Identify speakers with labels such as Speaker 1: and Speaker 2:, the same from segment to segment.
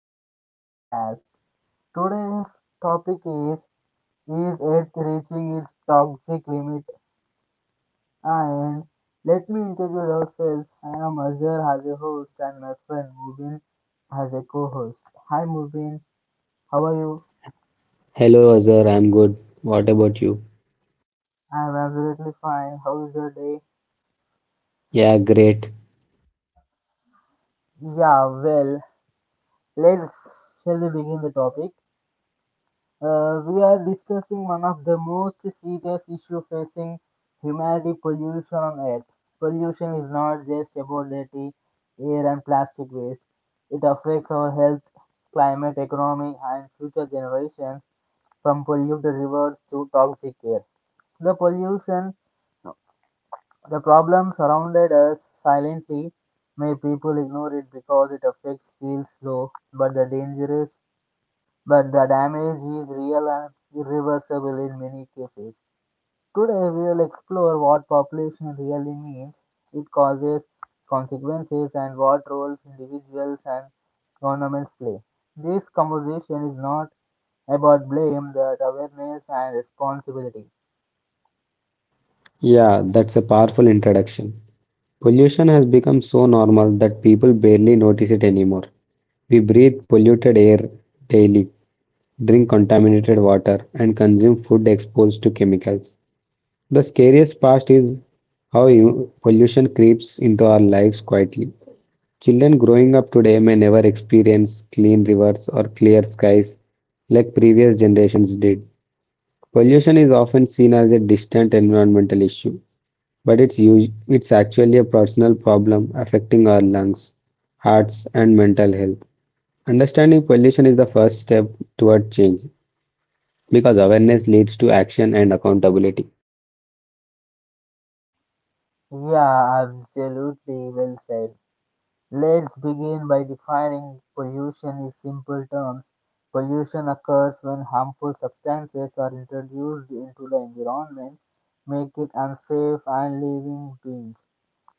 Speaker 1: today's podcast. Today's topic is Earth Reaching Its Toxic Limit? And let me introduce ourselves. I am Azhar as a host and my friend Mubin as a co host. Hi Mubin, how are you?
Speaker 2: Hello, Azhar. I'm good. What about you?
Speaker 1: I am absolutely fine. How is your day?
Speaker 2: Yeah, great.
Speaker 1: Yeah, well, let's, shall we begin the topic? We are discussing one of the most serious issues facing humanity, pollution on earth. Pollution is not just about dirty air and plastic waste. It affects our health, climate, economy, and future generations, from polluted rivers to toxic air. The pollution, the problem surrounded us silently. May people ignore it because it affects feels slow, but the danger is, but the damage is real and irreversible in many cases. Today, we will explore what population really means, it causes, consequences, and what roles individuals and governments play. This conversation is not about blame, but awareness and responsibility.
Speaker 2: Yeah, that's a powerful introduction. Pollution has become so normal that people barely notice it anymore. We breathe polluted air daily, drink contaminated water, and consume food exposed to chemicals. The scariest part is pollution creeps into our lives quietly. Children growing up today may never experience clean rivers or clear skies like previous generations did. Pollution is often seen as a distant environmental issue, but it's actually a personal problem affecting our lungs, hearts, and mental health. Understanding pollution is the first step toward change because awareness leads to action and accountability.
Speaker 1: Yeah, absolutely, well said. Let's begin by defining pollution in simple terms. Pollution occurs when harmful substances are introduced into the environment, make it unsafe and living beings.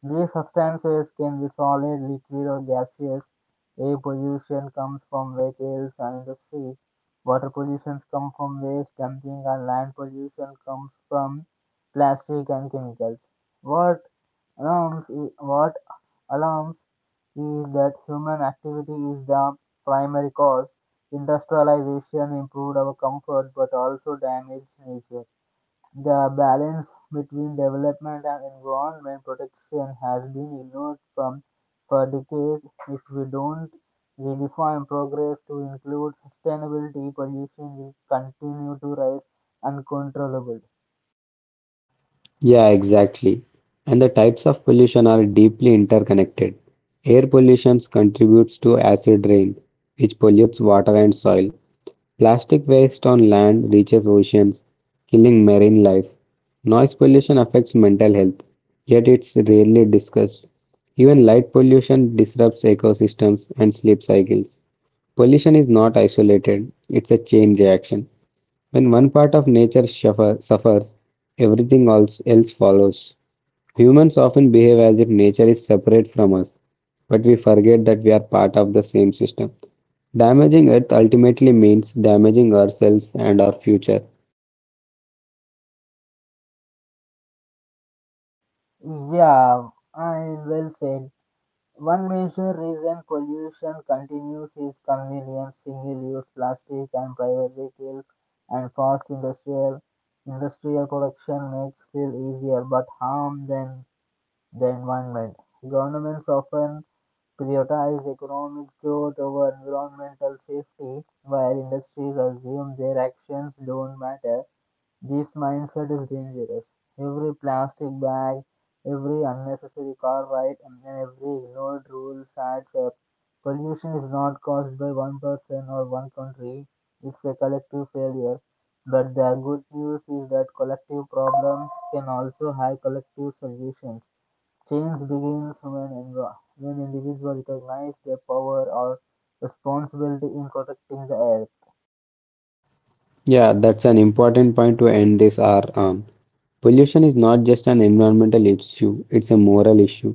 Speaker 1: These substances can be solid, liquid, or gaseous. Air pollution comes from vehicles and industries. Water pollution comes from waste dumping, and land pollution comes from plastic and chemicals. What what alarms is that human activity is the primary cause. Industrialization improved our comfort but also damaged nature. The balance between development and environment protection has been ignored from, for decades. If we don't redefine progress to include sustainability, pollution will continue to rise uncontrollably.
Speaker 2: Yeah, exactly. And the types of pollution are deeply interconnected. Air pollution contributes to acid rain, which pollutes water and soil. Plastic waste on land reaches oceans, killing marine life. Noise pollution affects mental health, yet it's rarely discussed. Even light pollution disrupts ecosystems and sleep cycles. Pollution is not isolated, it's a chain reaction. When one part of nature suffers, else follows. Humans often behave as if nature is separate from us, but we forget that we are part of the same system. Damaging Earth ultimately means damaging ourselves and our future.
Speaker 1: Yeah, I, well said. One major reason pollution continues is convenience, single-use plastic, and private vehicle and fast industrial production makes fuel easier but harm than the environment. Governments often prioritize economic growth over environmental safety, while industries assume their actions don't matter. This mindset is dangerous. Every plastic bag, every unnecessary car ride, and every ignored rule adds up. Pollution is not caused by one person or one country, it's a collective failure. But the good news is that collective problems can also have collective solutions. Change begins when when individuals recognize their power or responsibility in protecting the earth.
Speaker 2: Yeah, that's an important point to end this hour on. Pollution is not just an environmental issue, it's a moral issue.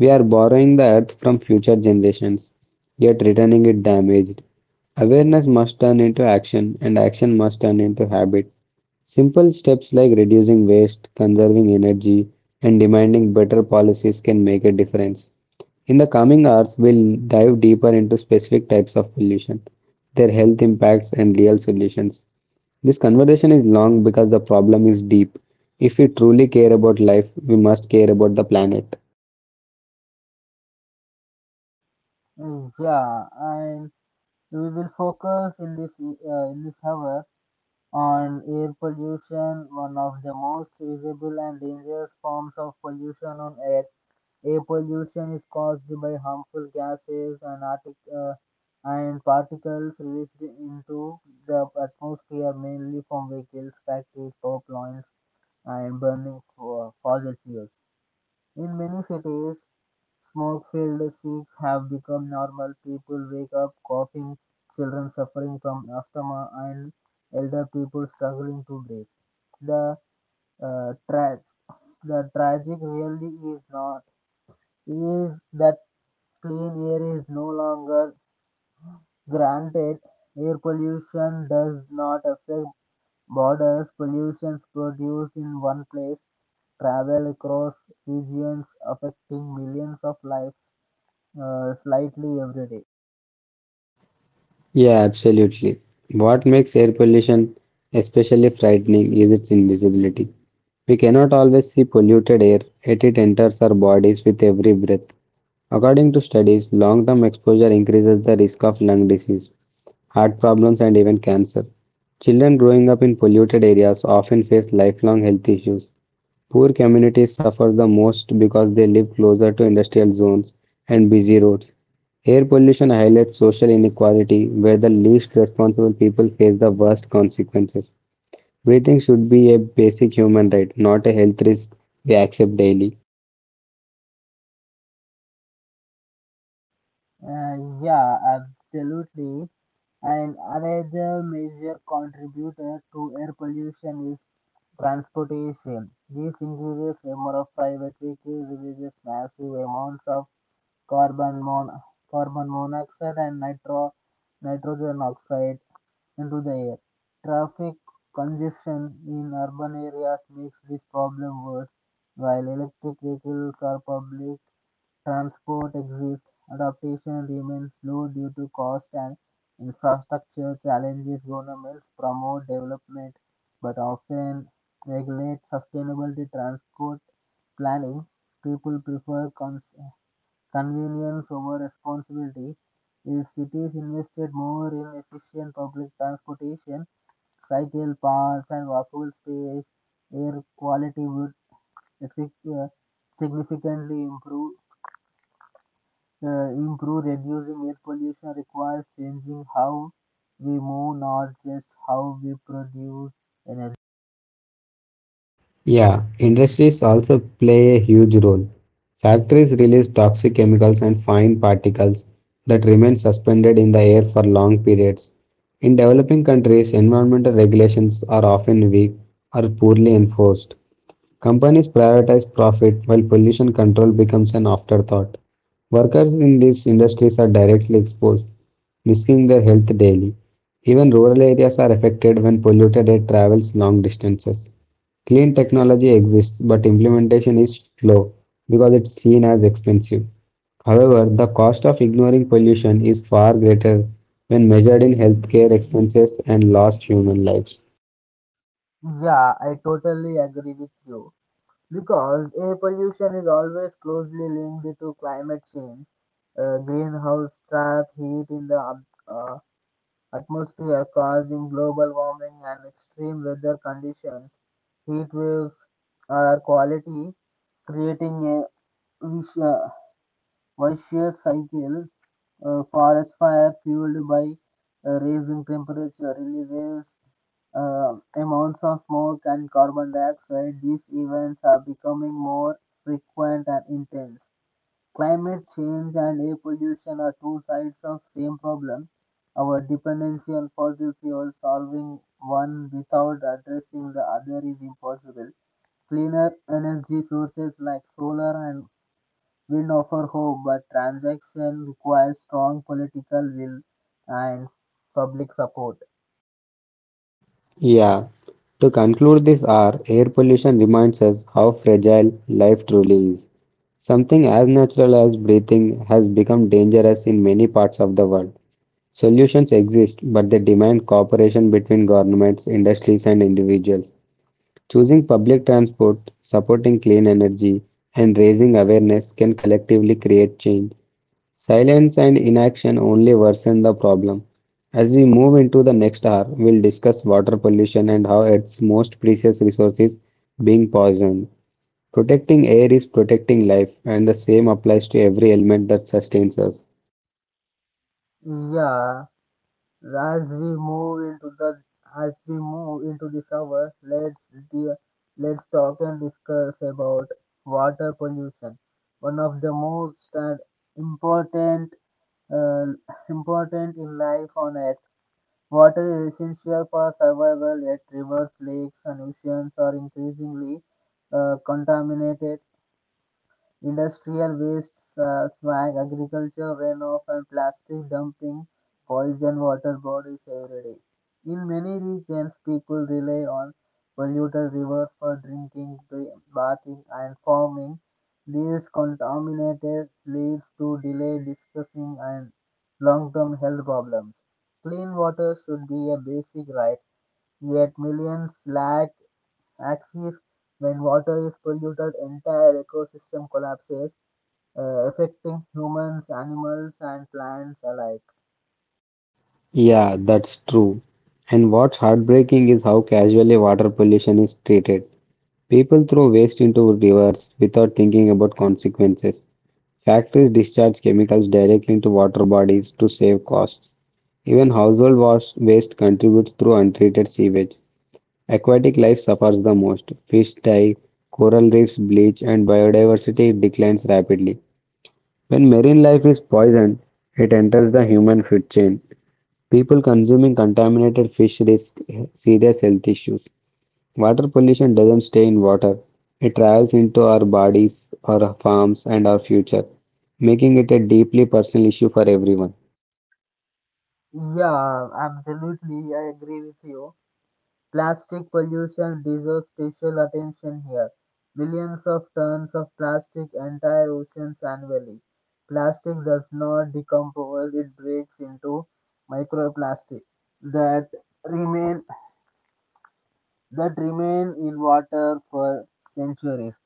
Speaker 2: We are borrowing the earth from future generations, yet returning it damaged. Awareness must turn into action, and action must turn into habit. Simple steps like reducing waste, conserving energy, and demanding better policies can make a difference. In the coming hours, we'll dive deeper into specific types of pollution, their health impacts, and real solutions. This conversation is long because the problem is deep. If we truly care about life, we must care about the planet.
Speaker 1: Mm, yeah, and we will focus in in this hour on air pollution, one of the most visible and dangerous forms of pollution on earth. Air pollution is caused by harmful gases and, and particles released into the atmosphere, mainly from vehicles, factories, power plants, and burning for fossil fuels. In many cities, smoke-filled seats have become normal. People wake up coughing, children suffering from asthma, and elder people struggling to breathe. The uh, tra- the tragic really is not, is that clean air is no longer granted. Air pollution does not affect borders. Pollutions produced in one place travel across regions, affecting millions of lives slightly every day.
Speaker 2: Yeah, absolutely. What makes air pollution especially frightening is its invisibility. We cannot always see polluted air, yet it enters our bodies with every breath. According to studies, long term exposure increases the risk of lung disease, heart problems, and even cancer. Children growing up in polluted areas often face lifelong health issues. Poor communities suffer the most because they live closer to industrial zones and busy roads. Air pollution highlights social inequality where the least responsible people face the worst consequences. Breathing should be a basic human right, not a health risk we accept daily.
Speaker 1: Yeah, absolutely. And another major contributor to air pollution is transportation. This increases number of private vehicles, releases massive amounts of carbon, mon- carbon monoxide and nitrogen oxide into the air. Traffic congestion in urban areas makes this problem worse. While electric vehicles or public transport exists, adaptation remains slow due to cost and infrastructure challenges. Governments promote development but often regulate sustainability transport planning. People prefer convenience over responsibility. If cities invested more in efficient public transportation, cycle paths and walkable space, air quality would effic- uh, significantly improve. Reducing air pollution requires changing how we move, not just how we produce energy.
Speaker 2: Yeah, industries also play a huge role. Factories release toxic chemicals and fine particles that remain suspended in the air for long periods. In developing countries, environmental regulations are often weak or poorly enforced. Companies prioritize profit while pollution control becomes an afterthought. Workers in these industries are directly exposed, risking their health daily. Even rural areas are affected when polluted air travels long distances. Clean technology exists, but implementation is slow because it's seen as expensive. However, the cost of ignoring pollution is far greater when measured in healthcare expenses and lost human lives.
Speaker 1: Yeah, I totally agree with you. Because air pollution is always closely linked to climate change. Greenhouse trap heat in the atmosphere, causing global warming and extreme weather conditions. Heat waves are quality, creating a vicious, vicious cycle. Forest fire fueled by raising temperature releases amounts of smoke and carbon dioxide. These events are becoming more frequent and intense. Climate change and air pollution are two sides of same problem. Our dependency on fossil fuels, solving one without addressing the other is impossible. Cleaner energy sources like solar and wind offer hope, but transaction requires strong political will and public support.
Speaker 2: Yeah, to conclude this hour, air pollution reminds us how fragile life truly is. Something as natural as breathing has become dangerous in many parts of the world. Solutions exist, but they demand cooperation between governments, industries, and individuals. Choosing public transport, supporting clean energy, and raising awareness can collectively create change. Silence and inaction only worsen the problem. As we move into the next hour, we'll discuss water pollution and how its most precious resource is being poisoned. Protecting air is protecting life, and the same applies to every element that sustains us.
Speaker 1: Yeah, As we move into the as we move into this hour, let's de- let's talk and discuss about water pollution, one of the most important uh, important in life on Earth. Water is essential for survival, yet rivers, lakes, and oceans are increasingly contaminated. Industrial wastes, swag, agriculture runoff, and plastic dumping poison water bodies every day. In many regions, people rely on polluted rivers for drinking, bathing, and farming. These contaminated leads to delayed dispersing and long-term health problems. Clean water should be a basic right, yet millions lack access. When water is polluted, entire ecosystem collapses, affecting humans, animals, and plants alike.
Speaker 2: Yeah, that's true. And what's heartbreaking is how casually water pollution is treated. People throw waste into rivers without thinking about consequences. Factories discharge chemicals directly into water bodies to save costs. Even household wash waste contributes through untreated sewage. Aquatic life suffers the most. Fish die, coral reefs bleach, and biodiversity declines rapidly. When marine life is poisoned, it enters the human food chain. People consuming contaminated fish risk serious health issues. Water pollution doesn't stay in water, it travels into our bodies, our farms, and our future, making it a deeply personal issue for everyone.
Speaker 1: Yeah, absolutely, I agree with you. Plastic pollution deserves special attention here. Millions of tons of plastic entire oceans annually. Plastic does not decompose, it breaks into microplastic that remain, that remain in water for centuries.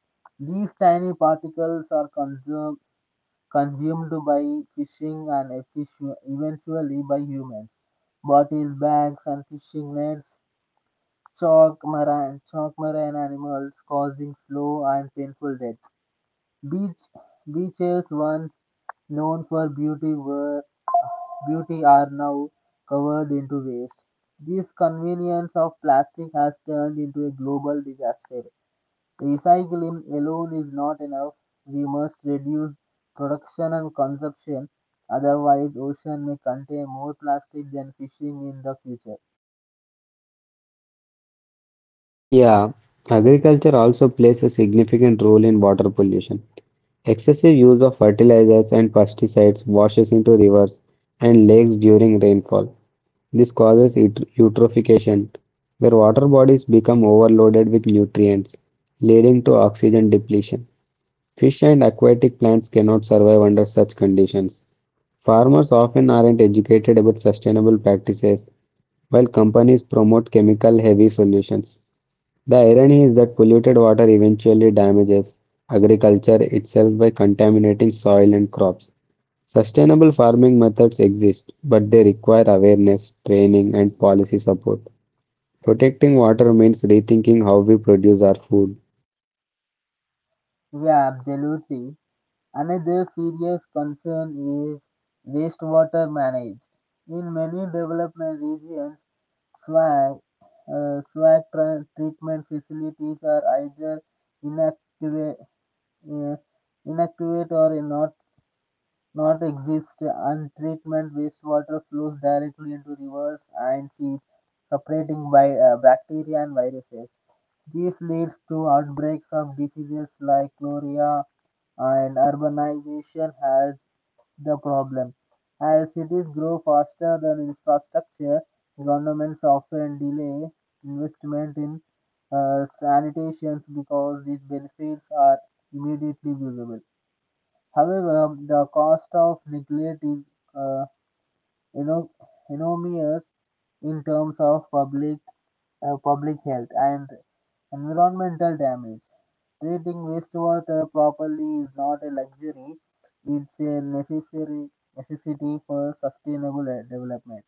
Speaker 1: These tiny particles are consumed by fishing and eventually by humans. Bottles, bags, and fishing nets choke marine animals, causing slow and painful deaths. Beach, Beaches once known for beauty are now covered into waste. This convenience of plastic has turned into a global disaster. Recycling alone is not enough. We must reduce production and consumption, otherwise, ocean may contain more plastic than fishing in the future.
Speaker 2: Yeah, agriculture also plays a significant role in water pollution. Excessive use of fertilizers and pesticides washes into rivers and lakes during rainfall. This causes eutrophication, where water bodies become overloaded with nutrients, leading to oxygen depletion. Fish and aquatic plants cannot survive under such conditions. Farmers often aren't educated about sustainable practices, while companies promote chemical heavy solutions. The irony is that polluted water eventually damages agriculture itself by contaminating soil and crops. Sustainable farming methods exist, but they require awareness, training, and policy support. Protecting water means rethinking how we produce our food.
Speaker 1: Yeah, absolutely. Another serious concern is wastewater management. In many development regions, swag, swag treatment facilities are either inactive, uh, inactive or not North exists. Untreatment wastewater flows directly into rivers and seas, separating by, bacteria and viruses. This leads to outbreaks of diseases like cholera, and urbanization has the problem. As cities grow faster than infrastructure, governments often delay investment in sanitations because these benefits are immediately visible. However, the cost of neglect is uh, eno- enormous in terms of public health and environmental damage. Treating wastewater properly is not a luxury; it's a necessary necessity for sustainable development.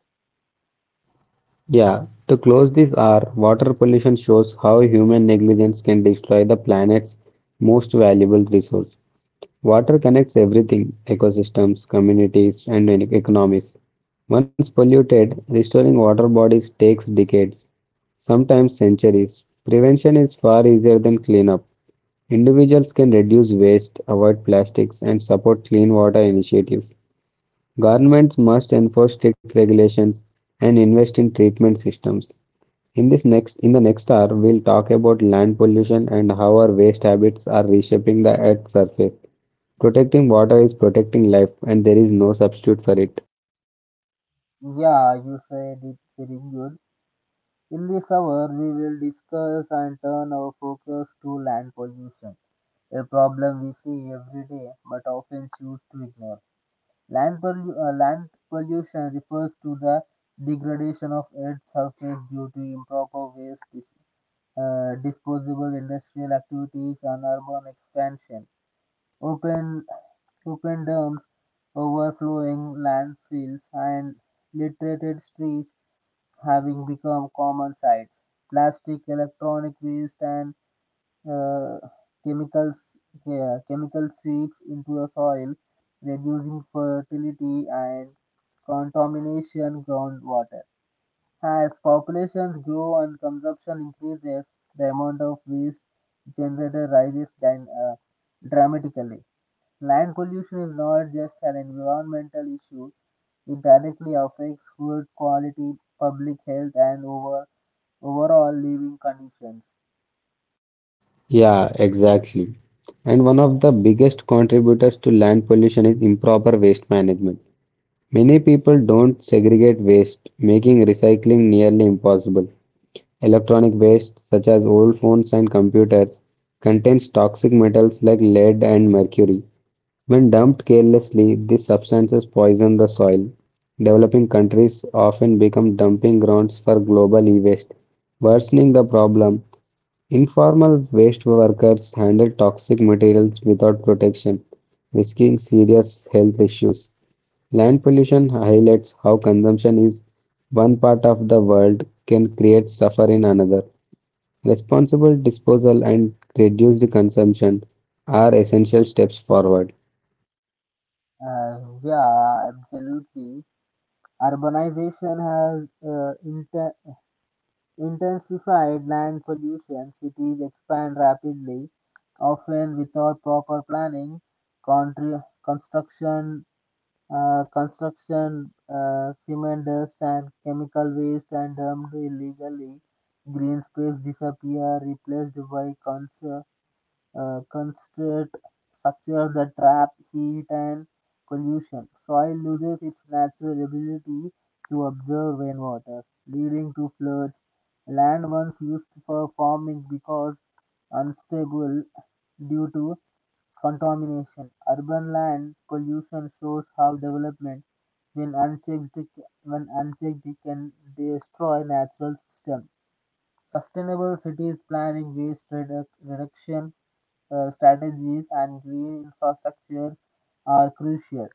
Speaker 2: Yeah, to close this hour, water pollution shows how human negligence can destroy the planet's most valuable resource. Water connects everything ecosystems, communities, and economies. Once polluted, restoring water bodies takes decades, sometimes centuries. Prevention is far easier than cleanup. Individuals can reduce waste, avoid plastics, and support clean water initiatives. Governments must enforce strict regulations and invest in treatment systems. In the next hour, we'll talk about land pollution and how our waste habits are reshaping the Earth's surface. Protecting water is protecting life, and there is no substitute for it.
Speaker 1: Yeah, you said it very good. In this hour, we will discuss and turn our focus to land pollution, a problem we see every day but often choose to ignore. Land pollution refers to the degradation of Earth's surface due to improper waste, disposable industrial activities, and urban expansion. Open, Open dams, overflowing landfills, and littered streets having become common sights. Plastic, electronic waste, and uh, chemicals yeah, chemical seeps into the soil, reducing fertility and contamination groundwater. As populations grow and consumption increases, the amount of waste generated rises dramatically. Land pollution is not just an environmental issue; it directly affects food quality, public health, and overall living conditions.
Speaker 2: Yeah, exactly. And one of the biggest contributors to land pollution is improper waste management. Many people don't segregate waste, making recycling nearly impossible. Electronic waste, such as old phones and computers, contains toxic metals like lead and mercury, when dumped carelessly. These substances poison the soil. Developing countries often become dumping grounds for global e-waste. Worsening the problem, informal waste workers handle toxic materials without protection, risking serious health issues. Land pollution highlights how consumption is one part of the world can create suffer in another. Responsible disposal and reduced consumption are essential steps forward.
Speaker 1: Uh, yeah, absolutely. Urbanization has intensified land pollution. Cities expand rapidly, often without proper planning. Contri- construction, construction, cement dust and chemical waste are dumped illegally. Green space disappear, replaced by constrict structure that trap heat and pollution. Soil loses its natural ability to absorb rainwater, leading to floods. Land once used for farming because unstable due to contamination. Urban land pollution shows how development, when unchecked, when unchecked it can destroy natural systems. Sustainable cities planning waste reduction strategies and green infrastructure are crucial.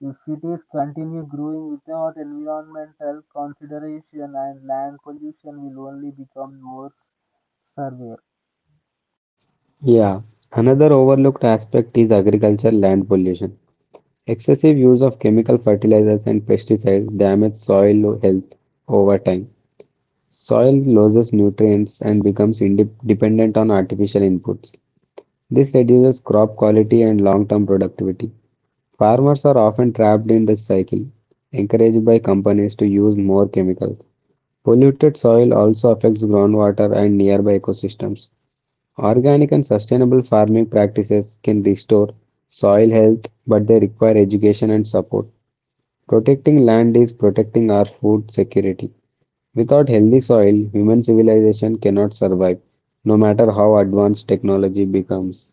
Speaker 1: If cities continue growing without environmental consideration and land pollution will only become more severe.
Speaker 2: Yeah, another overlooked aspect is agricultural land pollution. Excessive use of chemical fertilizers and pesticides damage soil health over time. Soil loses nutrients and becomes dependent on artificial inputs. This reduces crop quality and long-term productivity. Farmers are often trapped in this cycle, encouraged by companies to use more chemicals. Polluted soil also affects groundwater and nearby ecosystems. Organic and sustainable farming practices can restore soil health, but they require education and support. Protecting land is protecting our food security. Without healthy soil, human civilization cannot survive, no matter how advanced technology becomes.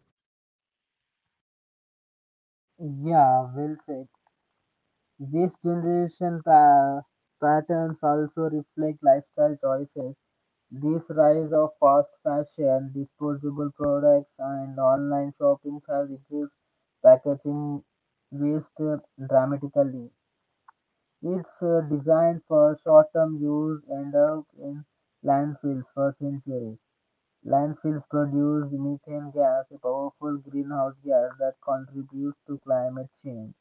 Speaker 1: Yeah, well said. This generation pa- patterns also reflect lifestyle choices. This rise of fast fashion, disposable products, and online shopping has increased packaging waste dramatically. It's designed for short-term use and up in landfills for centuries. Landfills produce methane gas, a powerful greenhouse gas that contributes to climate change.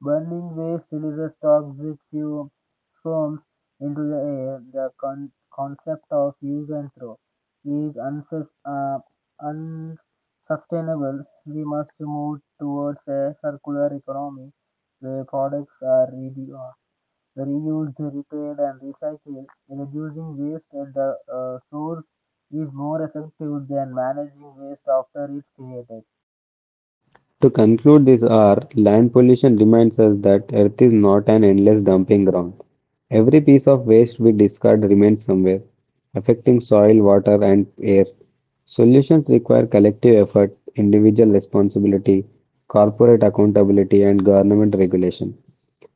Speaker 1: Burning waste releases toxic fumes into the air. Concept of use and throw is unsustainable. We must move towards a circular economy where products are reused, repaired, and recycled, reducing waste at the source is more effective than managing waste after it's created.
Speaker 2: To conclude this hour, land pollution reminds us that Earth is not an endless dumping ground. Every piece of waste we discard remains somewhere, affecting soil, water, and air. Solutions require collective effort, individual responsibility, corporate accountability, and government regulation.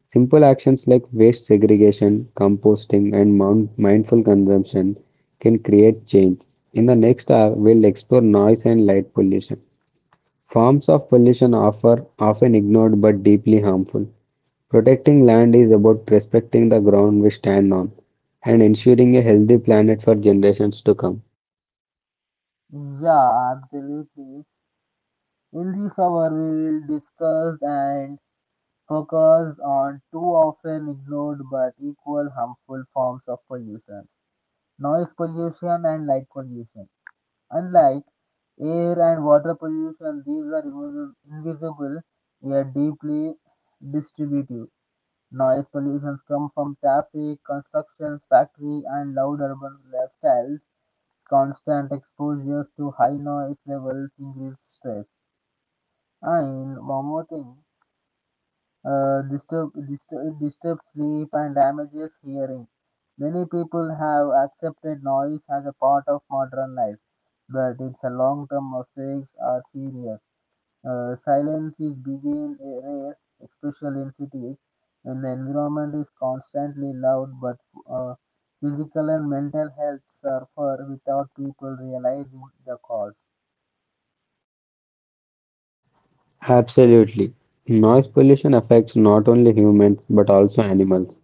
Speaker 2: Simple actions like waste segregation, composting, and mindful consumption can create change. In the next hour, we'll explore noise and light pollution. Forms of pollution are often ignored but deeply harmful. Protecting land is about respecting the ground we stand on and ensuring a healthy planet for generations to come.
Speaker 1: Yeah, absolutely. In this hour, we will discuss and focus on two often ignored but equal harmful forms of pollution, noise pollution and light pollution. Unlike air and water pollution, these are invisible yet deeply distributive. Noise pollution comes from traffic, construction, factory, and loud urban lifestyles. Constant exposures to high noise levels increase stress. And one more thing, disturbs sleep and damages hearing. Many people have accepted noise as a part of modern life, but its long-term effects are serious. Silence is begin rare, especially in cities, when the environment is constantly loud, but uh, physical and mental health suffer without people realizing the cause.
Speaker 2: Absolutely. Noise pollution affects not only humans but also animals.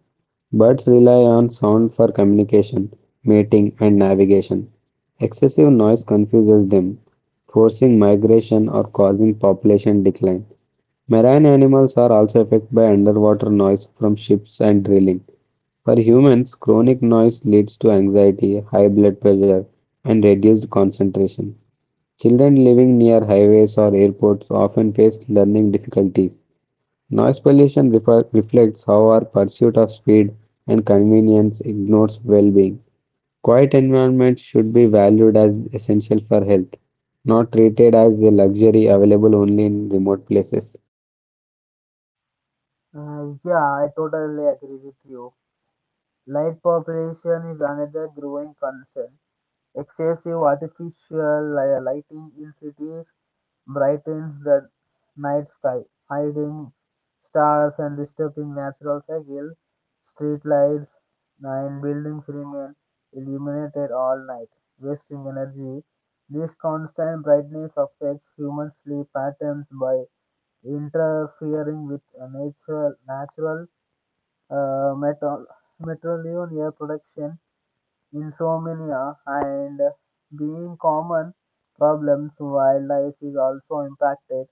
Speaker 2: Birds rely on sound for communication, mating, and navigation. Excessive noise confuses them, forcing migration or causing population decline. Marine animals are also affected by underwater noise from ships and drilling. For humans, chronic noise leads to anxiety, high blood pressure, and reduced concentration. Children living near highways or airports often face learning difficulties. Noise pollution reflects how our pursuit of speed and convenience ignores well being. Quiet environments should be valued as essential for health, not treated as a luxury available only in remote places.
Speaker 1: Yeah, I totally agree with you. Light population is another growing concern. Excessive artificial lighting in cities brightens the night sky, hiding stars and disturbing natural cycle. Streetlights and buildings remain illuminated all night, wasting energy. This constant brightness affects human sleep patterns by interfering with a natural uh, metal, metrolinear production, insomnia, and being common problems. Wildlife is also impacted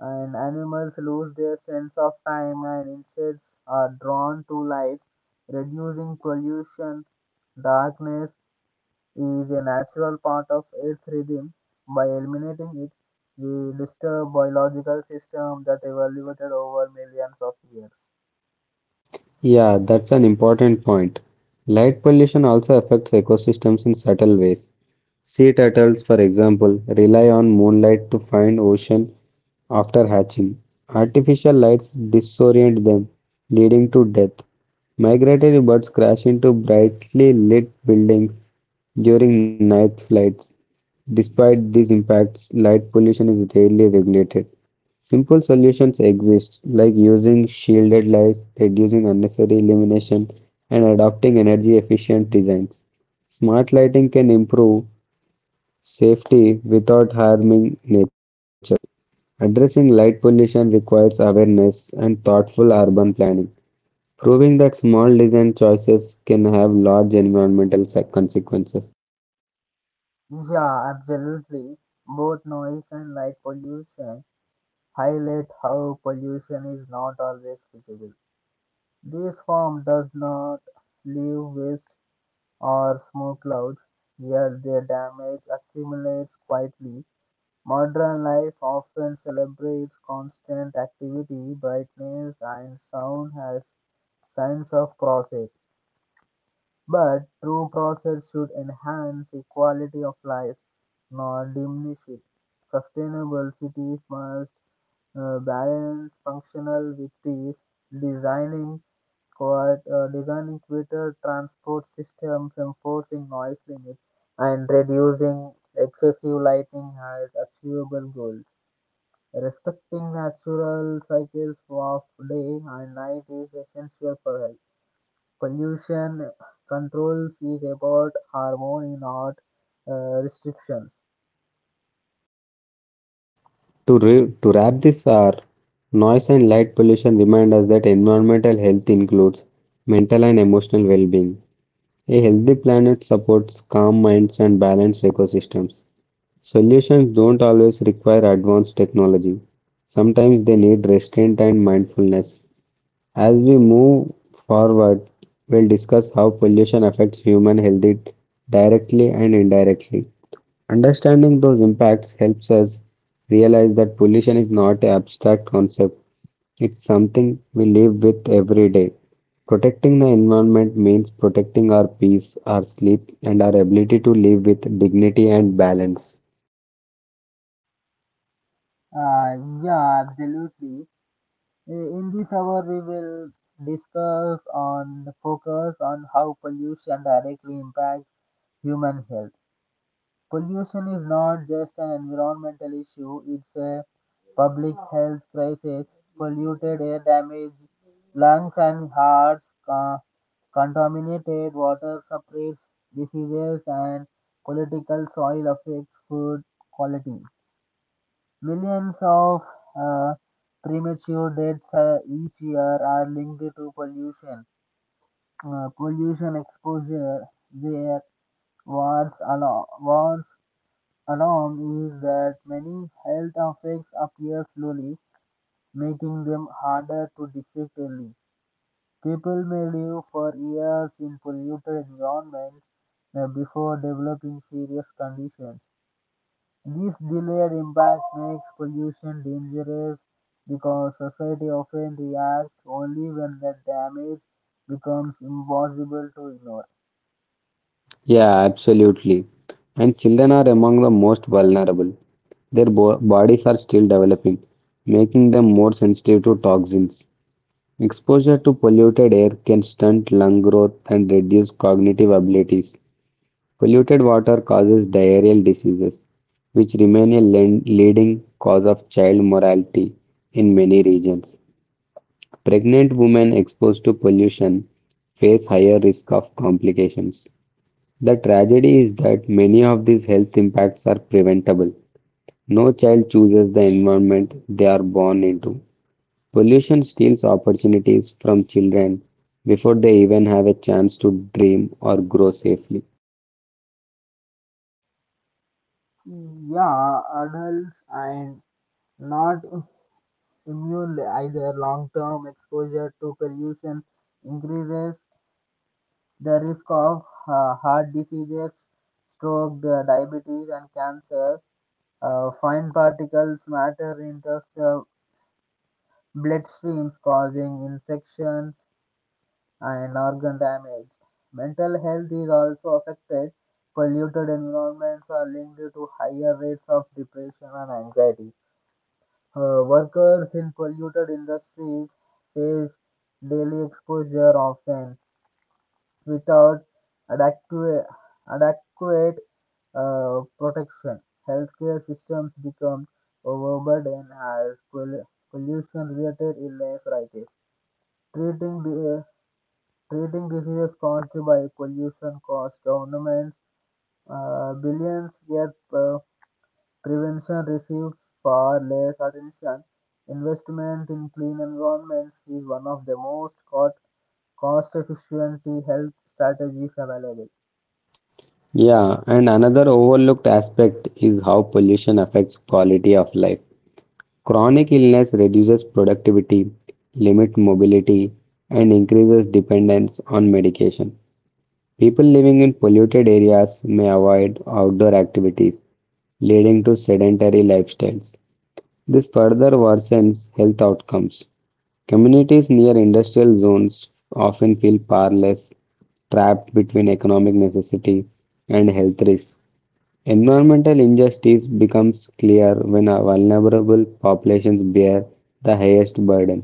Speaker 1: and animals lose their sense of time, and insects are drawn to light reducing pollution. Darkness is a natural part of earth's rhythm. By eliminating it, we disturb biological system that evolved over millions of years.
Speaker 2: Yeah, that's an important point. Light pollution also affects ecosystems in subtle ways. Sea turtles, for example, rely on moonlight to find ocean after hatching. Artificial lights disorient them, leading to death. Migratory birds crash into brightly lit buildings during night flights. Despite these impacts, light pollution is rarely regulated. Simple solutions exist, like using shielded lights, reducing unnecessary illumination, and adopting energy efficient designs. Smart lighting can improve safety without harming nature. Addressing light pollution requires awareness and thoughtful urban planning, proving that small design choices can have large environmental consequences.
Speaker 1: Yeah, absolutely. Both noise and light pollution highlight how pollution is not always visible. This form does not leave waste or smoke clouds, yet their damage accumulates quietly. Modern life often celebrates constant activity, brightness, and sound as signs of progress. But true progress should enhance the quality of life, not diminish it. Sustainable cities must balance functional with peace, designing quiet, designing better transport systems, enforcing noise limits, and reducing excessive lighting are achievable goals. Respecting natural cycles of day and night is essential for health. Pollution controls is about harmony, not restrictions.
Speaker 2: To wrap this, our noise and light pollution remind us that environmental health includes mental and emotional well being. A healthy planet supports calm minds and balanced ecosystems. Solutions don't always require advanced technology, sometimes they need restraint and mindfulness. As we move forward, we'll discuss how pollution affects human health directly and indirectly. Understanding those impacts helps us realize that pollution is not an abstract concept, it's something we live with every day. Protecting the environment means protecting our peace, our sleep, and our ability to live with dignity and balance.
Speaker 1: Uh, yeah, absolutely. In this hour, we will discuss on focus on how pollution directly impacts human health. Pollution is not just an environmental issue, it's a public health crisis. Polluted air damages lungs and hearts, contaminated water suppresses diseases, and political soil affects food quality. Millions of uh, premature deaths each year are linked to pollution. Pollution exposure, their wars, along wars alarm is that many health effects appear slowly, making them harder to detect early. People may live for years in polluted environments before developing serious conditions. This delayed impact makes pollution dangerous because society often reacts only when the damage becomes impossible to ignore.
Speaker 2: Yeah, absolutely. And children are among the most vulnerable. Their bodies are still developing, making them more sensitive to toxins. Exposure to polluted air can stunt lung growth and reduce cognitive abilities. Polluted water causes diarrheal diseases, which remain a leading cause of child mortality in many regions. Pregnant women exposed to pollution face higher risk of complications. The tragedy is that many of these health impacts are preventable. No child chooses the environment they are born into. Pollution steals opportunities from children before they even have a chance to dream or grow safely.
Speaker 1: Yeah, adults and not immune either. Long-term exposure to pollution increases the risk of heart diseases, stroke, the diabetes, and cancer. Fine particles matter enters the bloodstreams, causing infections and organ damage. Mental health is also affected. Polluted environments are linked to higher rates of depression and anxiety. Workers in polluted industries face daily exposure often without adequate, adequate protection. Healthcare systems become overburdened as pollution-related illness rises. Treating the Treating diseases caused by pollution costs governments billions, yet prevention receives far less attention. Investment in clean environments is one of the most cost efficient health strategies available.
Speaker 2: Yeah, and another overlooked aspect is how pollution affects quality of life. Chronic illness reduces productivity, limits mobility, and increases dependence on medication. People living in polluted areas may avoid outdoor activities, leading to sedentary lifestyles. This further worsens health outcomes. Communities near industrial zones often feel powerless, trapped between economic necessity and health risks. Environmental injustice becomes clear when our vulnerable populations bear the highest burden.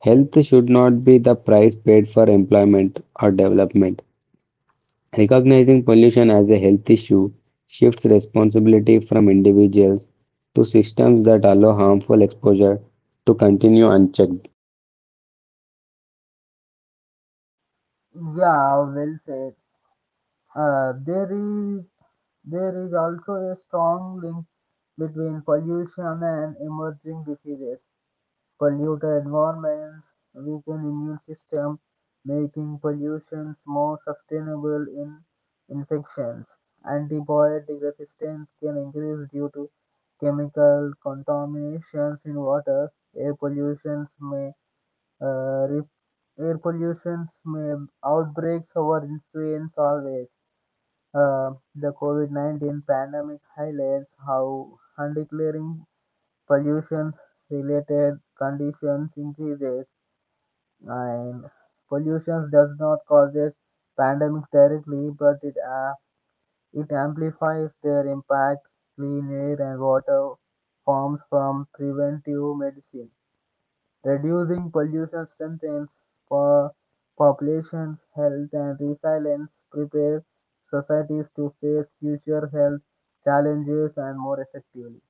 Speaker 2: Health should not be the price paid for employment or development. Recognizing pollution as a health issue shifts responsibility from individuals to systems that allow harmful exposure to continue unchecked.
Speaker 1: Yeah, well said. Uh, there is there is also a strong link between pollution and emerging diseases. Polluted environments weaken immune system, making pollutions more sustainable in infections. Antibiotic resistance can increase due to chemical contaminations in water. Air pollutions may uh, re- Air pollutions may outbreaks our influence always. Uh, the COVID-19 pandemic highlights how undeclaring pollution-related conditions increases, and pollution does not causes pandemics directly, but it amplifies their impact. Clean air and water forms from preventive medicine. Reducing pollution strengthens for population's health and resilience, prepare societies to face future health challenges and more effectively.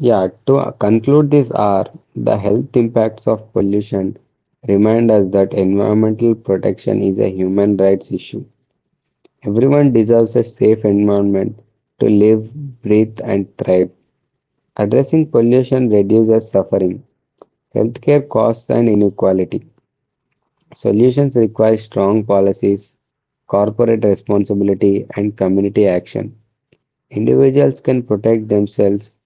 Speaker 2: Yeah, to conclude this hour, the health impacts of pollution remind us that environmental protection is a human rights issue. Everyone deserves a safe environment to live, breathe, and thrive. Addressing pollution reduces suffering, healthcare costs, and inequality. Solutions require strong policies, corporate responsibility, and community action. Individuals can protect themselves,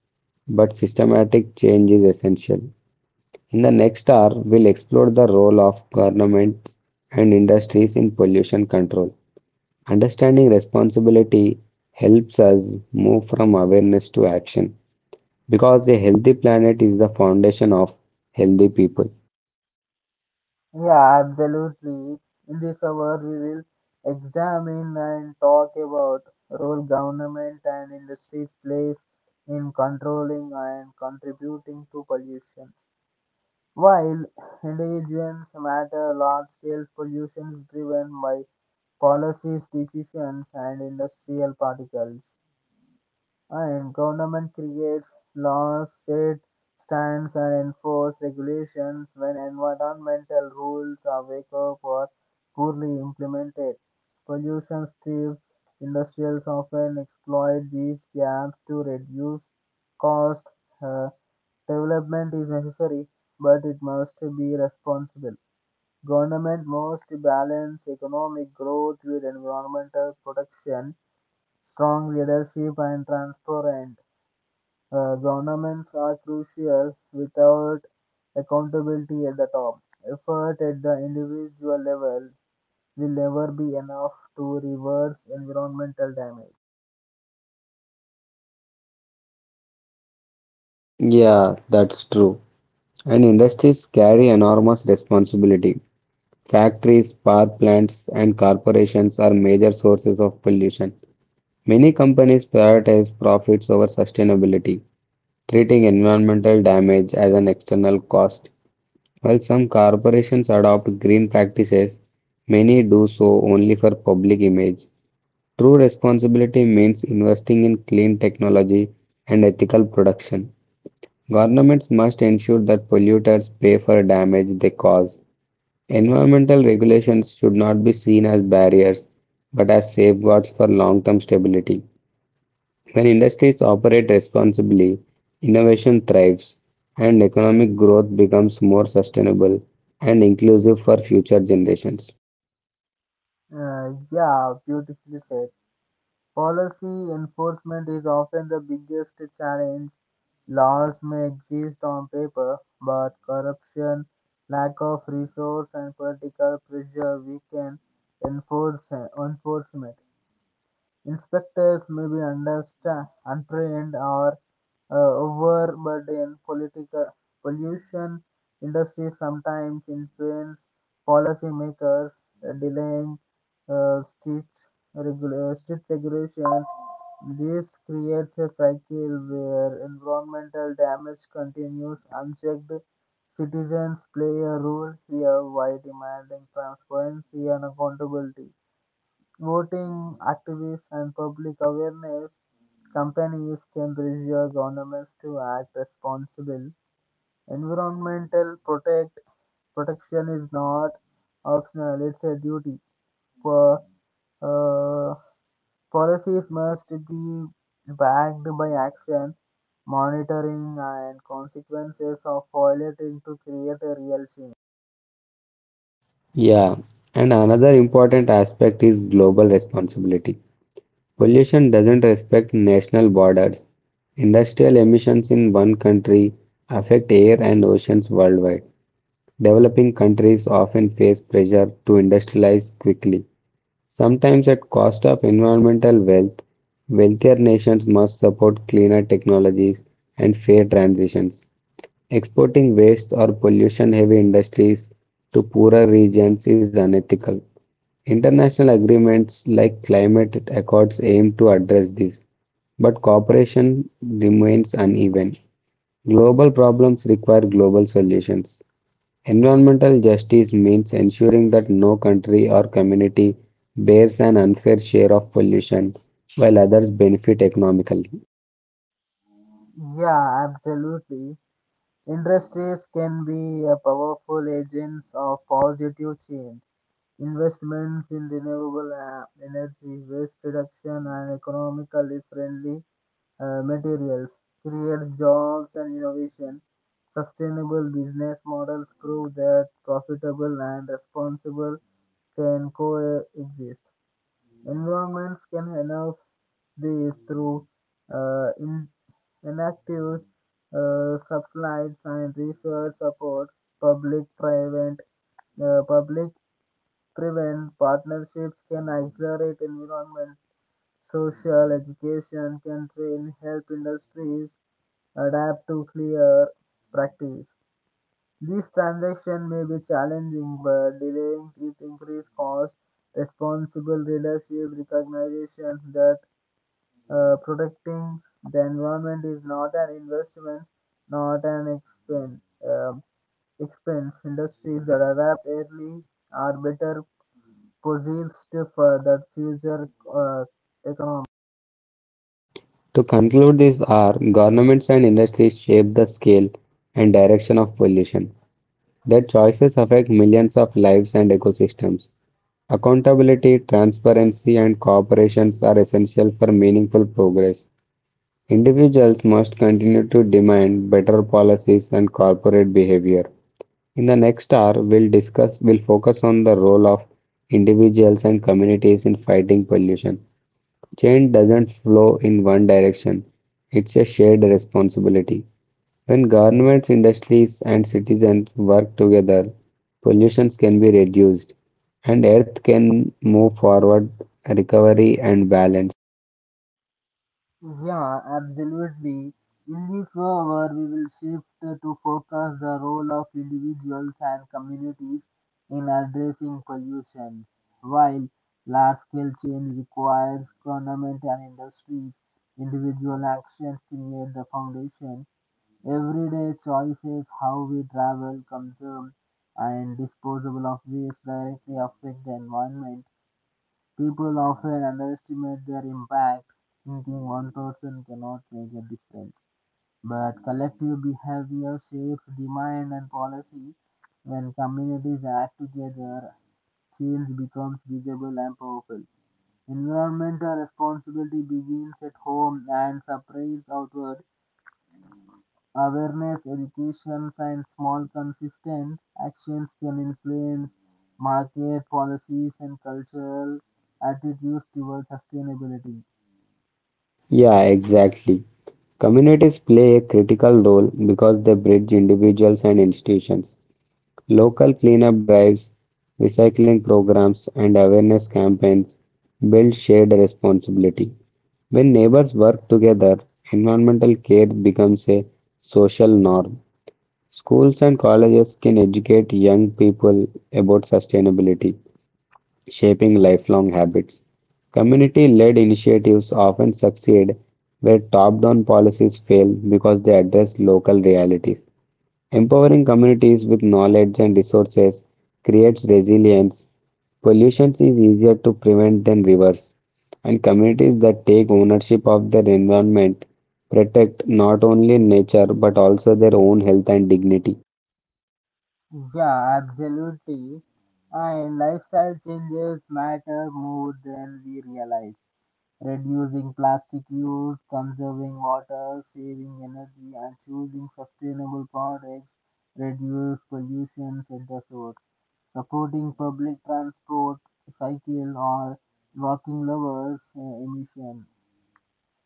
Speaker 2: but systematic change is essential. In the next hour, we'll explore the role of governments and industries in pollution control. Understanding responsibility helps us move from awareness to action because a healthy planet is the foundation of healthy people.
Speaker 1: Yeah, absolutely. In this hour, we will examine and talk about role government and industries plays in controlling and contributing to pollution. While individuals matter, large-scale pollution is driven by policies, decisions, and industrial particles. And government creates laws, set stands, and enforce regulations when environmental rules are weak or poorly implemented. Pollution strips industrials often exploit these gaps to reduce cost. Uh, Development is necessary, but it must be responsible. Government must balance economic growth with environmental protection, strong leadership, and transparent governments are crucial without accountability at the top. Effort at the individual level will never be enough to reverse environmental damage.
Speaker 2: Yeah, that's true. And industries carry enormous responsibility. Factories, power plants, and corporations are major sources of pollution. Many companies prioritize profits over sustainability, treating environmental damage as an external cost. While some corporations adopt green practices, many do so only for public image. True responsibility means investing in clean technology and ethical production. Governments must ensure that polluters pay for damage they cause. Environmental regulations should not be seen as barriers, but as safeguards for long term stability. When industries operate responsibly, innovation thrives, and economic growth becomes more sustainable and inclusive for future generations.
Speaker 1: Yeah, beautifully said. Policy enforcement is often the biggest challenge. Laws may exist on paper, but corruption, lack of resource, and political pressure weaken enforce- enforcement. Inspectors may be untrained or overburdened. Political pollution industry sometimes influence policymakers, delaying uh, strict, strict regulations. This creates a cycle where environmental damage continues unchecked. Citizens play a role here by demanding transparency and accountability. Voting activists and public awareness campaigns can pressure governments to act responsibly. Environmental protect protection is not optional; it's a duty. For uh, Policies must be backed by action, monitoring, and consequences of violating to create a real change.
Speaker 2: Yeah, and another important aspect is global responsibility. Pollution doesn't respect national borders. Industrial emissions in one country affect air and oceans worldwide. Developing countries often face pressure to industrialize quickly. Sometimes at cost of environmental wealth, wealthier nations must support cleaner technologies and fair transitions. Exporting waste or pollution-heavy industries to poorer regions is unethical. International agreements like climate accords aim to address this, but cooperation remains uneven. Global problems require global solutions. Environmental justice means ensuring that no country or community bears an unfair share of pollution while others benefit economically.
Speaker 1: Yeah, absolutely. Industries can be a powerful agents of positive change. Investments in renewable energy, waste reduction, and economically friendly materials creates jobs and innovation. Sustainable business models prove that profitable and responsible can coexist. Environments can enough these through uh, in- inactive subsidies and research support. public-private uh, Public-private partnerships can accelerate environment, social education can train, help industries adapt to clear practice. These transactions may be challenging, but delaying it increase cost. Responsible leadership recognition that protecting the environment is not an investment, not an expense. Um Industries that adapt early are better positioned for the future economy.
Speaker 2: To conclude this hour, governments and industries shape the scale and direction of pollution. Their choices affect millions of lives and ecosystems. Accountability, transparency, and cooperations are essential for meaningful progress. Individuals must continue to demand better policies and corporate behavior. In the next hour, we'll focus on the role of individuals and communities in fighting pollution. Change doesn't flow in one direction, it's a shared responsibility. When governments, industries, and citizens work together, pollutions can be reduced and Earth can move forward, recovery, and balance.
Speaker 1: Yeah, absolutely. In the forward, we will shift to focus the role of individuals and communities in addressing pollution. While large-scale change requires government and industries, individual actions create the foundation. Everyday choices, how we travel, consume, and disposable of waste directly affect the environment. People often underestimate their impact, thinking one person cannot make a difference. But collective behavior shapes demand and policy. When communities act together, change becomes visible and powerful. Environmental responsibility begins at home and spreads outward. Awareness, education, and small consistent actions can influence market policies and cultural attitudes towards sustainability.
Speaker 2: Yeah, exactly. Communities play a critical role because they bridge individuals and institutions. Local cleanup drives, recycling programs, and awareness campaigns build shared responsibility. When neighbors work together, environmental care becomes a social norm. Schools and colleges can educate young people about sustainability, shaping lifelong habits. Community led initiatives often succeed where top down policies fail because they address local realities. Empowering communities with knowledge and resources creates resilience. Pollution is easier to prevent than reverse, and communities that take ownership of their environment protect not only nature but also their own health and dignity.
Speaker 1: Yeah, absolutely. And lifestyle changes matter more than we realize. Reducing plastic use, conserving water, saving energy, and choosing sustainable products reduce pollution at the source. Supporting public transport, cycle, or walking lowers emission.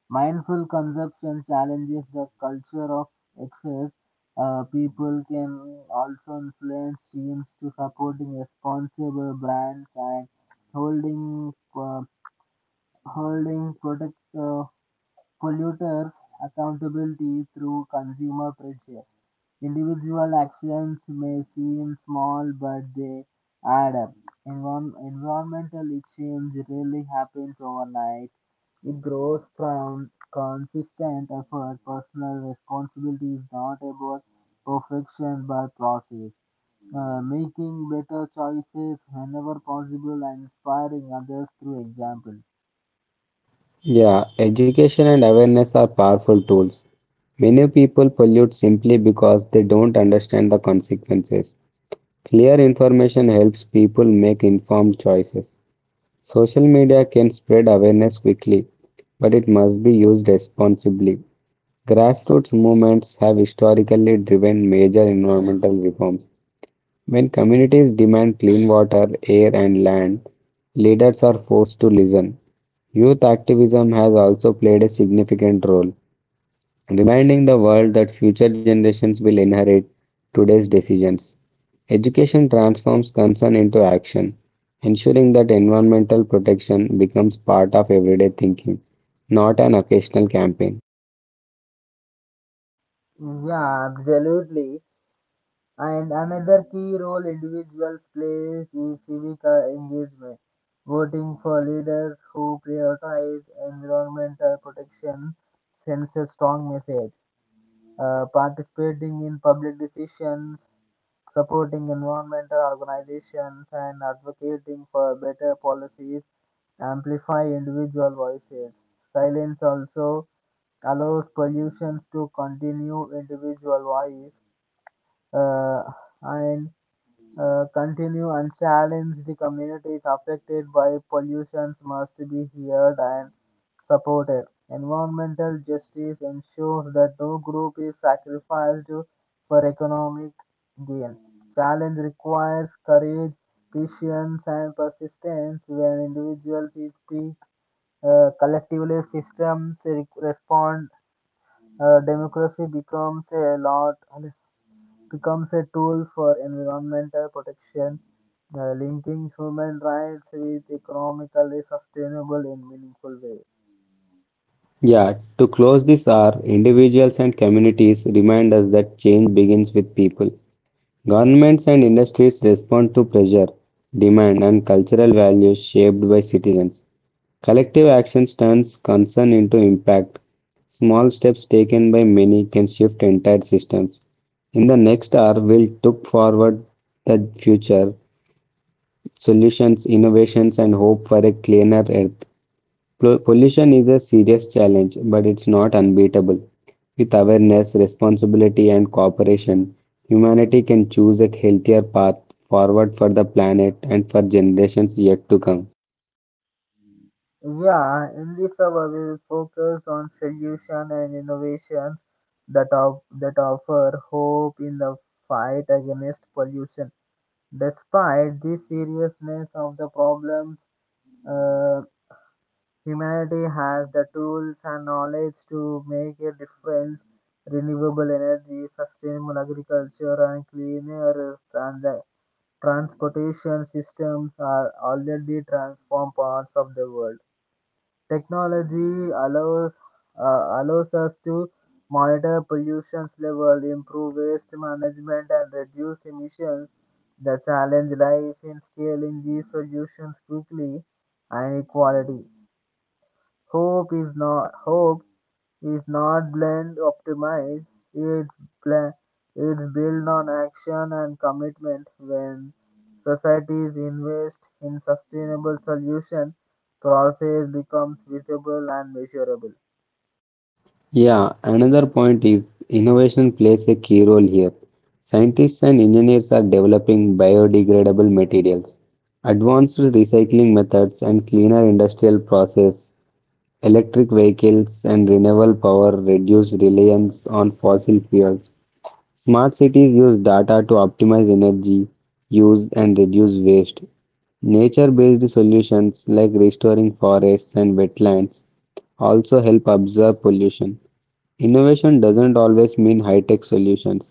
Speaker 1: Mindful consumption challenges the culture of excess. People can also influence teams to supporting responsible brands and holding uh, holding protect uh, polluters accountability through consumer pressure. Individual actions may seem small, but they add up. Environmental change really happens overnight. It grows from consistent effort. Personal responsibility is not about perfection but process. Making better choices whenever possible and inspiring others through example.
Speaker 2: Yeah, education and awareness are powerful tools. Many people pollute simply because they don't understand the consequences. Clear information helps people make informed choices. Social media can spread awareness quickly, but it must be used responsibly. Grassroots movements have historically driven major environmental reforms. When communities demand clean water, air, and land, leaders are forced to listen. Youth activism has also played a significant role reminding the world that future generations will inherit today's decisions. Education transforms concern into action, ensuring that environmental protection becomes part of everyday thinking, not an occasional campaign.
Speaker 1: Yeah, absolutely. And another key role individuals plays is civic engagement, voting for leaders who prioritize environmental protection sends a strong message. Participating in public decisions, supporting environmental organizations, and advocating for better policies amplify individual voices. Silence also allows pollutions to continue individual voice uh, and continue and challenge. The communities affected by pollution must be heard and supported. Environmental justice ensures that no group is sacrificed for economic gain. Challenge requires courage, patience, and persistence. When individuals speak, collectively systems respond. Democracy becomes a lot becomes a tool for environmental protection, linking human rights with economically sustainable and meaningful way.
Speaker 2: Yeah, to close this hour, individuals and communities remind us that change begins with people. Governments and industries respond to pressure, demand, and cultural values shaped by citizens. Collective action turns concern into impact. Small steps taken by many can shift entire systems. In the next hour, we'll look forward the future, solutions, innovations, and hope for a cleaner earth. Pollution is a serious challenge, but it's not unbeatable. With awareness, responsibility, and cooperation, humanity can choose a healthier path forward for the planet and for generations yet to come.
Speaker 1: Yeah, in this hour we will focus on solution and innovations that offer hope in the fight against pollution. Despite the seriousness of the problems, uh, humanity has the tools and knowledge to make a difference. Renewable energy, sustainable agriculture, and clean air and the transportation systems are already transformed parts of the world. Technology allows us to monitor pollution level, improve waste management, and reduce emissions. The challenge lies in scaling these solutions quickly and equality. Hope is not blind optimized. It's bla- it's built on action and commitment. When societies invest in sustainable solution, process becomes visible and measurable.
Speaker 2: Yeah, another point is innovation plays a key role here. Scientists and engineers are developing biodegradable materials, advanced recycling methods, and cleaner industrial process. Electric vehicles and renewable power reduce reliance on fossil fuels. Smart cities use data to optimize energy use and reduce waste. Nature-based solutions like restoring forests and wetlands also help absorb pollution. Innovation doesn't always mean high tech solutions.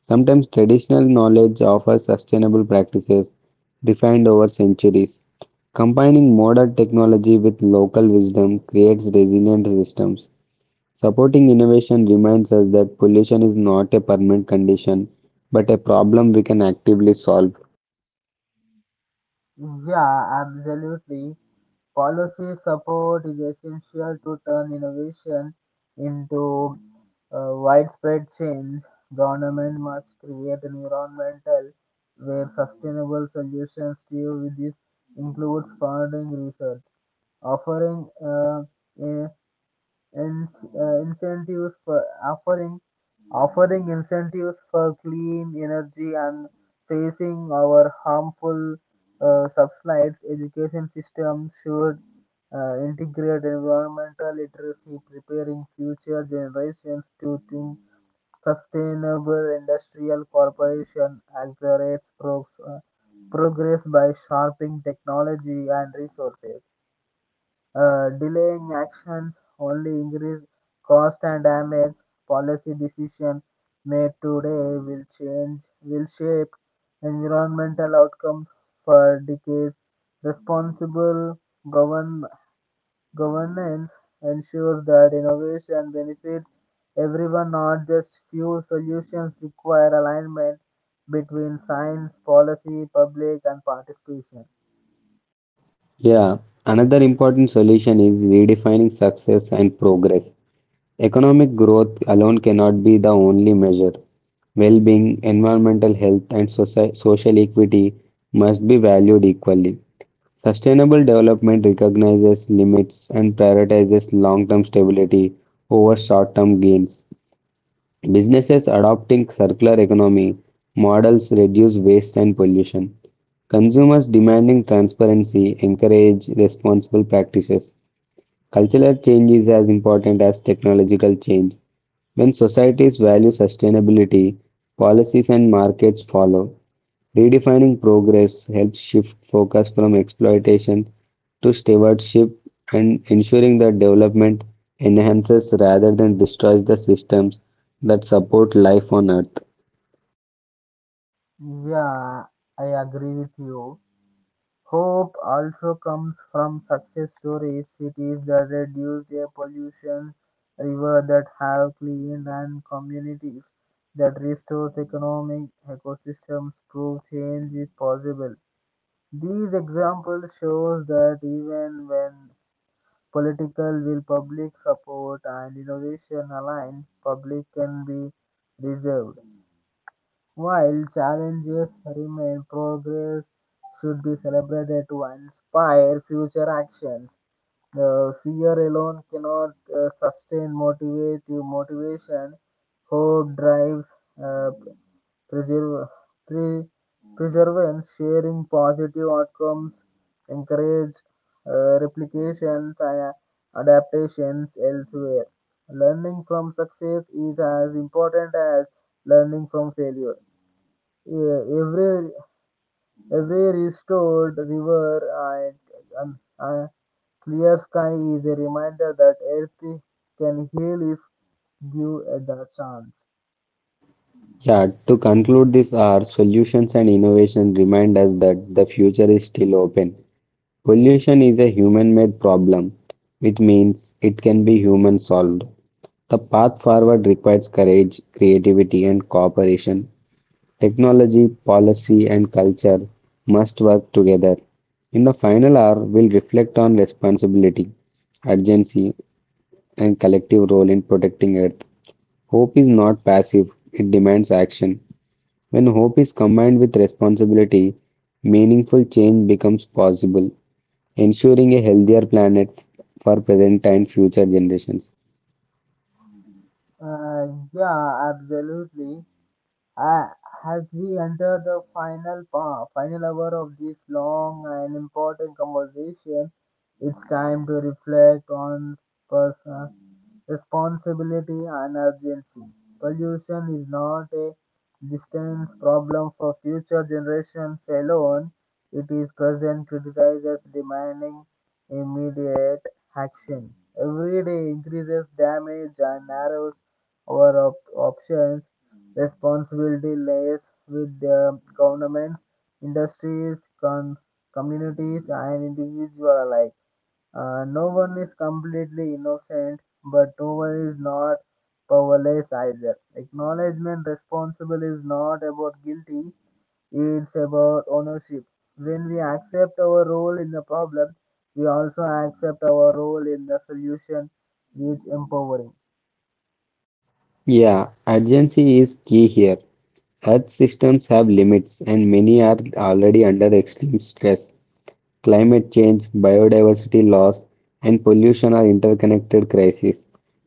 Speaker 2: Sometimes traditional knowledge offers sustainable practices refined over centuries. Combining modern technology with local wisdom creates resilient systems. Supporting innovation reminds us that pollution is not a permanent condition, but a problem we can actively solve.
Speaker 1: Yeah, absolutely. Policy support is essential to turn innovation into widespread change. Government must create environmental where sustainable solutions to this includes funding research, offering uh, ins- uh, incentives for offering offering incentives for clean energy and facing our harmful subsides. Education systems should integrate environmental literacy preparing future generations to think sustainable. Industrial corporation accelerates progress by sharpening technology and resources. Delaying actions only increase cost and damage. Policy decision made today will change, will shape environmental outcomes for decades. Responsible govern, governance ensures that innovation benefits everyone, not just few. Solutions require alignment between science, policy, public, and participation.
Speaker 2: Yeah, another important solution is redefining success and progress. Economic growth alone cannot be the only measure. Well-being, environmental health, and social equity must be valued equally. Sustainable development recognizes limits and prioritizes long-term stability over short-term gains. Businesses adopting circular economy models reduce waste and pollution. Consumers demanding transparency encourage responsible practices. Cultural change is as important as technological change. When societies value sustainability, policies and markets follow. Redefining progress helps shift focus from exploitation to stewardship and ensuring that development enhances rather than destroys the systems that support life on earth.
Speaker 1: Yeah, I agree with you. Hope also comes from success stories, cities that reduce air pollution, rivers that have clean, and communities that restore economic ecosystems prove change is possible. These examples shows that even when political will, public support, and innovation align, public can be reserved. While challenges remain, progress should be celebrated to inspire future actions. The fear alone cannot sustain motivate motivation. Hope drives uh, preserve, pre, preservance, sharing positive outcomes, encourage replications and adaptations elsewhere. Learning from success is as important as learning from failure. Yeah, every restored river and clear sky is a reminder that Earth can heal if given the chance.
Speaker 2: Yeah, to conclude this, our solutions and innovation remind us that the future is still open. Pollution is a human made problem, which means it can be human solved. The path forward requires courage, creativity, and cooperation. Technology, policy, and culture must work together. In the final hour, we'll reflect on responsibility, urgency, and collective role in protecting Earth. Hope is not passive, it demands action. When hope is combined with responsibility, meaningful change becomes possible, ensuring a healthier planet for present and future generations.
Speaker 1: Yeah, absolutely. Uh, as we enter the final hour of this long and important conversation, it's time to reflect on personal responsibility and urgency. Pollution is not a distant problem for future generations alone. It is present criticized as demanding immediate action. Every day increases damage and narrows our options. Responsibility lies with the governments, industries, communities, and individuals alike. No one is completely innocent, but no one is not powerless either. Acknowledgement responsible is not about guilty, it's about ownership. When we accept our role in the problem, we also accept our role in the solution, which empowering.
Speaker 2: Yeah, urgency is key here. Earth systems have limits, and many are already under extreme stress. Climate change, biodiversity loss, and pollution are interconnected crises,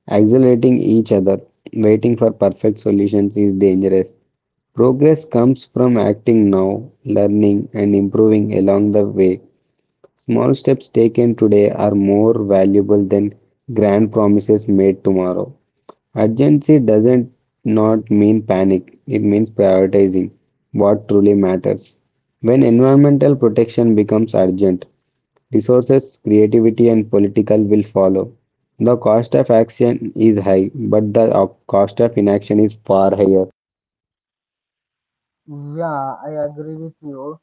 Speaker 2: accelerating each other. Waiting for perfect solutions is dangerous. Progress comes from acting now, learning, and improving along the way. Small steps taken today are more valuable than grand promises made tomorrow. Urgency doesn't not mean panic, it means prioritizing what truly matters. When environmental protection becomes urgent, resources, creativity, and political will follow. The cost of action is high, but the cost of inaction is far higher.
Speaker 1: Yeah, I agree with you.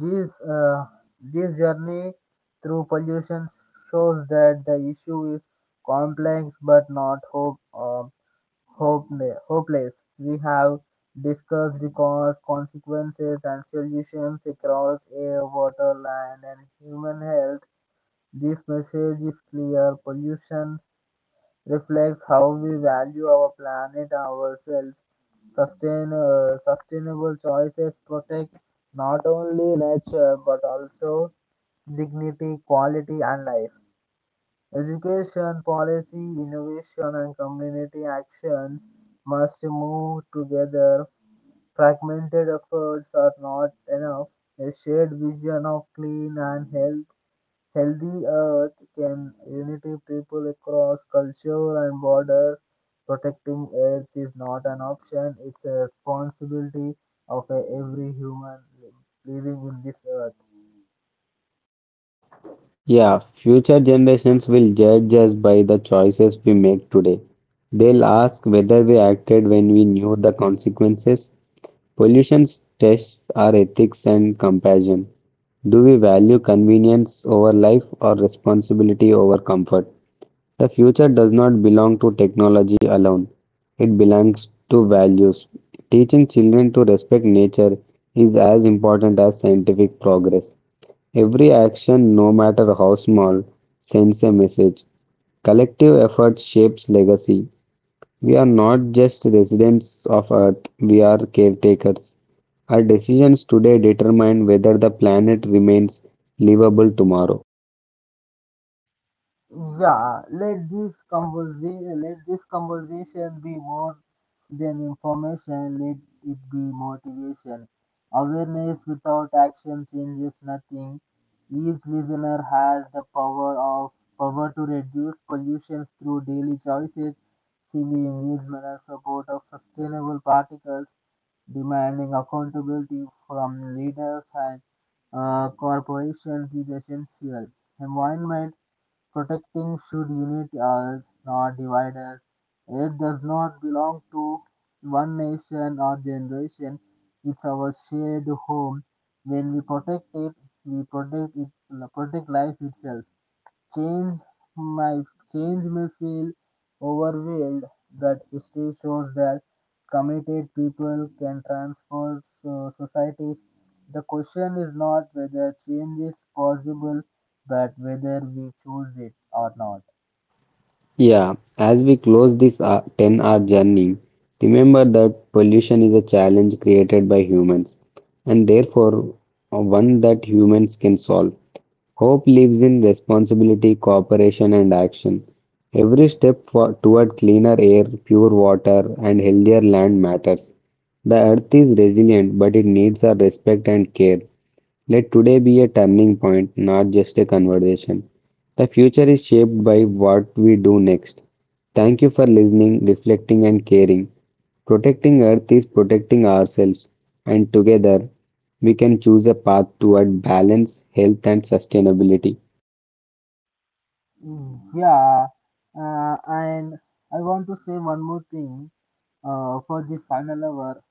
Speaker 1: This, uh, this journey through pollution shows that the issue is complex but not hope, hopeless. We have discussed the cause, consequences, and solutions across air, water, land, and human health. This message is clear pollution reflects how we value our planet, ourselves. Sustainable choices protect not only nature but also dignity, quality, and life. Education, policy, innovation, and community actions must move together. Fragmented efforts are not enough. A shared vision of clean and Healthy Earth can unite people across culture and borders. Protecting Earth is not an option, it's a responsibility of every human living in this earth.
Speaker 2: Yeah, future generations will judge us by the choices we make today. They'll ask whether we acted when we knew the consequences. Pollution tests are ethics and compassion. Do we value convenience over life or responsibility over comfort? The future does not belong to technology alone, it belongs to values. Teaching children to respect nature is as important as scientific progress. Every action, no matter how small, sends a message. Collective effort shapes legacy. We are not just residents of Earth, we are caretakers. Our decisions today determine whether the planet remains livable tomorrow.
Speaker 1: Yeah, let this conversation be more than information, let it be motivation. Awareness without action changes nothing. Each listener has the power to reduce pollution through daily choices, civil engagement and support of sustainable particles, demanding accountability from leaders and corporations is essential. Environment Protecting should unite us, not divide us. It does not belong to one nation or generation. It's our shared home. When we protect it, protect life itself change my change may feel overwhelmed, but it still shows that committed people can transform societies. The question is not whether change is possible, but whether we choose it or not.
Speaker 2: Yeah, as we close this 10-hour journey, remember that pollution is a challenge created by humans and therefore one that humans can solve. Hope lives in responsibility, cooperation, and action. Every step toward cleaner air, pure water, and healthier land matters. The earth is resilient, but it needs our respect and care. Let today be a turning point, not just a conversation. The future is shaped by what we do next. Thank you for listening, reflecting, and caring. Protecting Earth is protecting ourselves, and together we can choose a path toward balance, health, and sustainability.
Speaker 1: Mm, yeah, and I want to say one more thing for this final hour.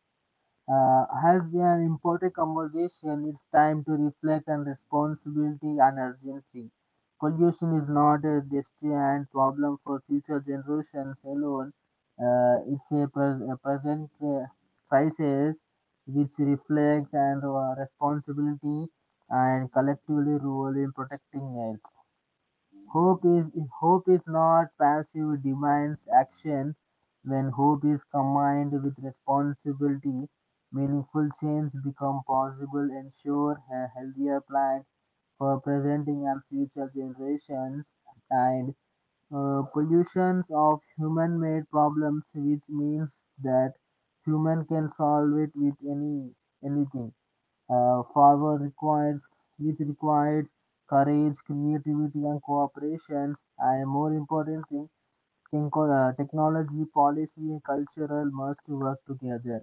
Speaker 1: Has an important conversation, it's time to reflect on responsibility and urgency. Pollution is not a distant problem for future generations alone. It's a present crisis which reflects and responsibility and collectively role in protecting it. Hope is Hope is not passive it demands action. When hope is combined with responsibility, meaningful change become possible. Ensure a healthier planet for presenting and future generations, and pollution of human-made problems, which means that human can solve it with anything forward requires which requires courage, creativity, and cooperation. And more important importantly, technology, policy, and cultural must work together.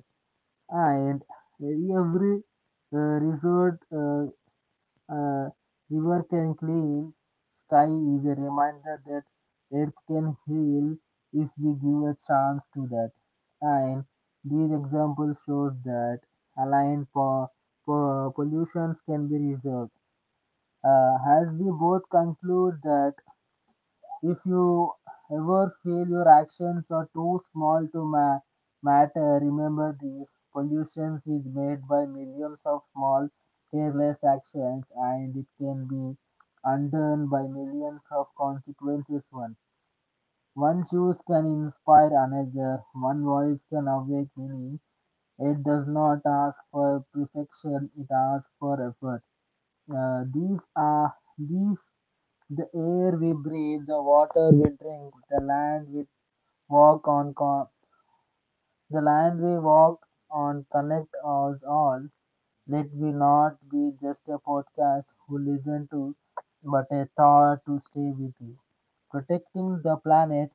Speaker 1: And every uh, resort uh, river can clean, sky is a reminder that earth can heal if we give a chance to that. And these examples shows that aligned po- pollutions can be resolved. Uh, as we both conclude that if you ever feel your actions are too small to matter, remember this pollution is made by millions of small, careless actions, and it can be undone by millions of consequences. One choice can inspire another, one voice can awake many. It does not ask for perfection, it asks for effort. These are the air we breathe, the water we drink, walk on, con- the land we walk on connect us all. Let we not be just a podcast who listen to, but a thought to stay with you. Protecting the planet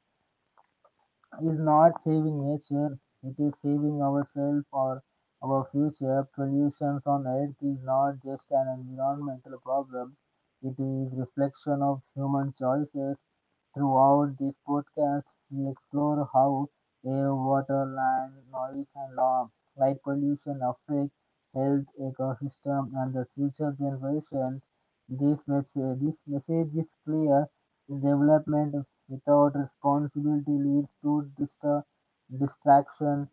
Speaker 1: is not saving nature, it is saving ourselves or our future. Pollution on Earth is not just an environmental problem, it is reflection of human choices. Throughout this podcast, we explore how air, water, land, noise, and law, light pollution affect health, ecosystem, and the future generations. This message is clear. Development without responsibility leads to distraction.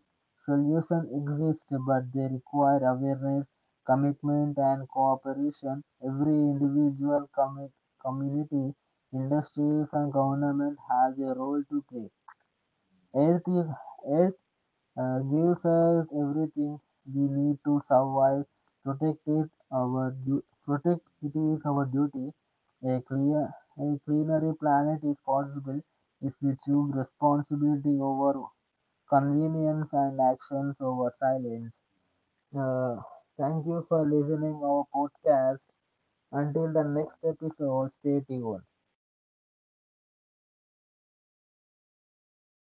Speaker 1: Solutions exist, but they require awareness, commitment, and cooperation. Every individual, community, industries, and government has a role to play. Earth is, Earth gives us everything we need to survive. Protect it is our duty. A clear, a cleaner planet is possible if we choose responsibility over convenience and actions over silence. Uh, Thank you for listening our podcast. Until the next episode, stay tuned.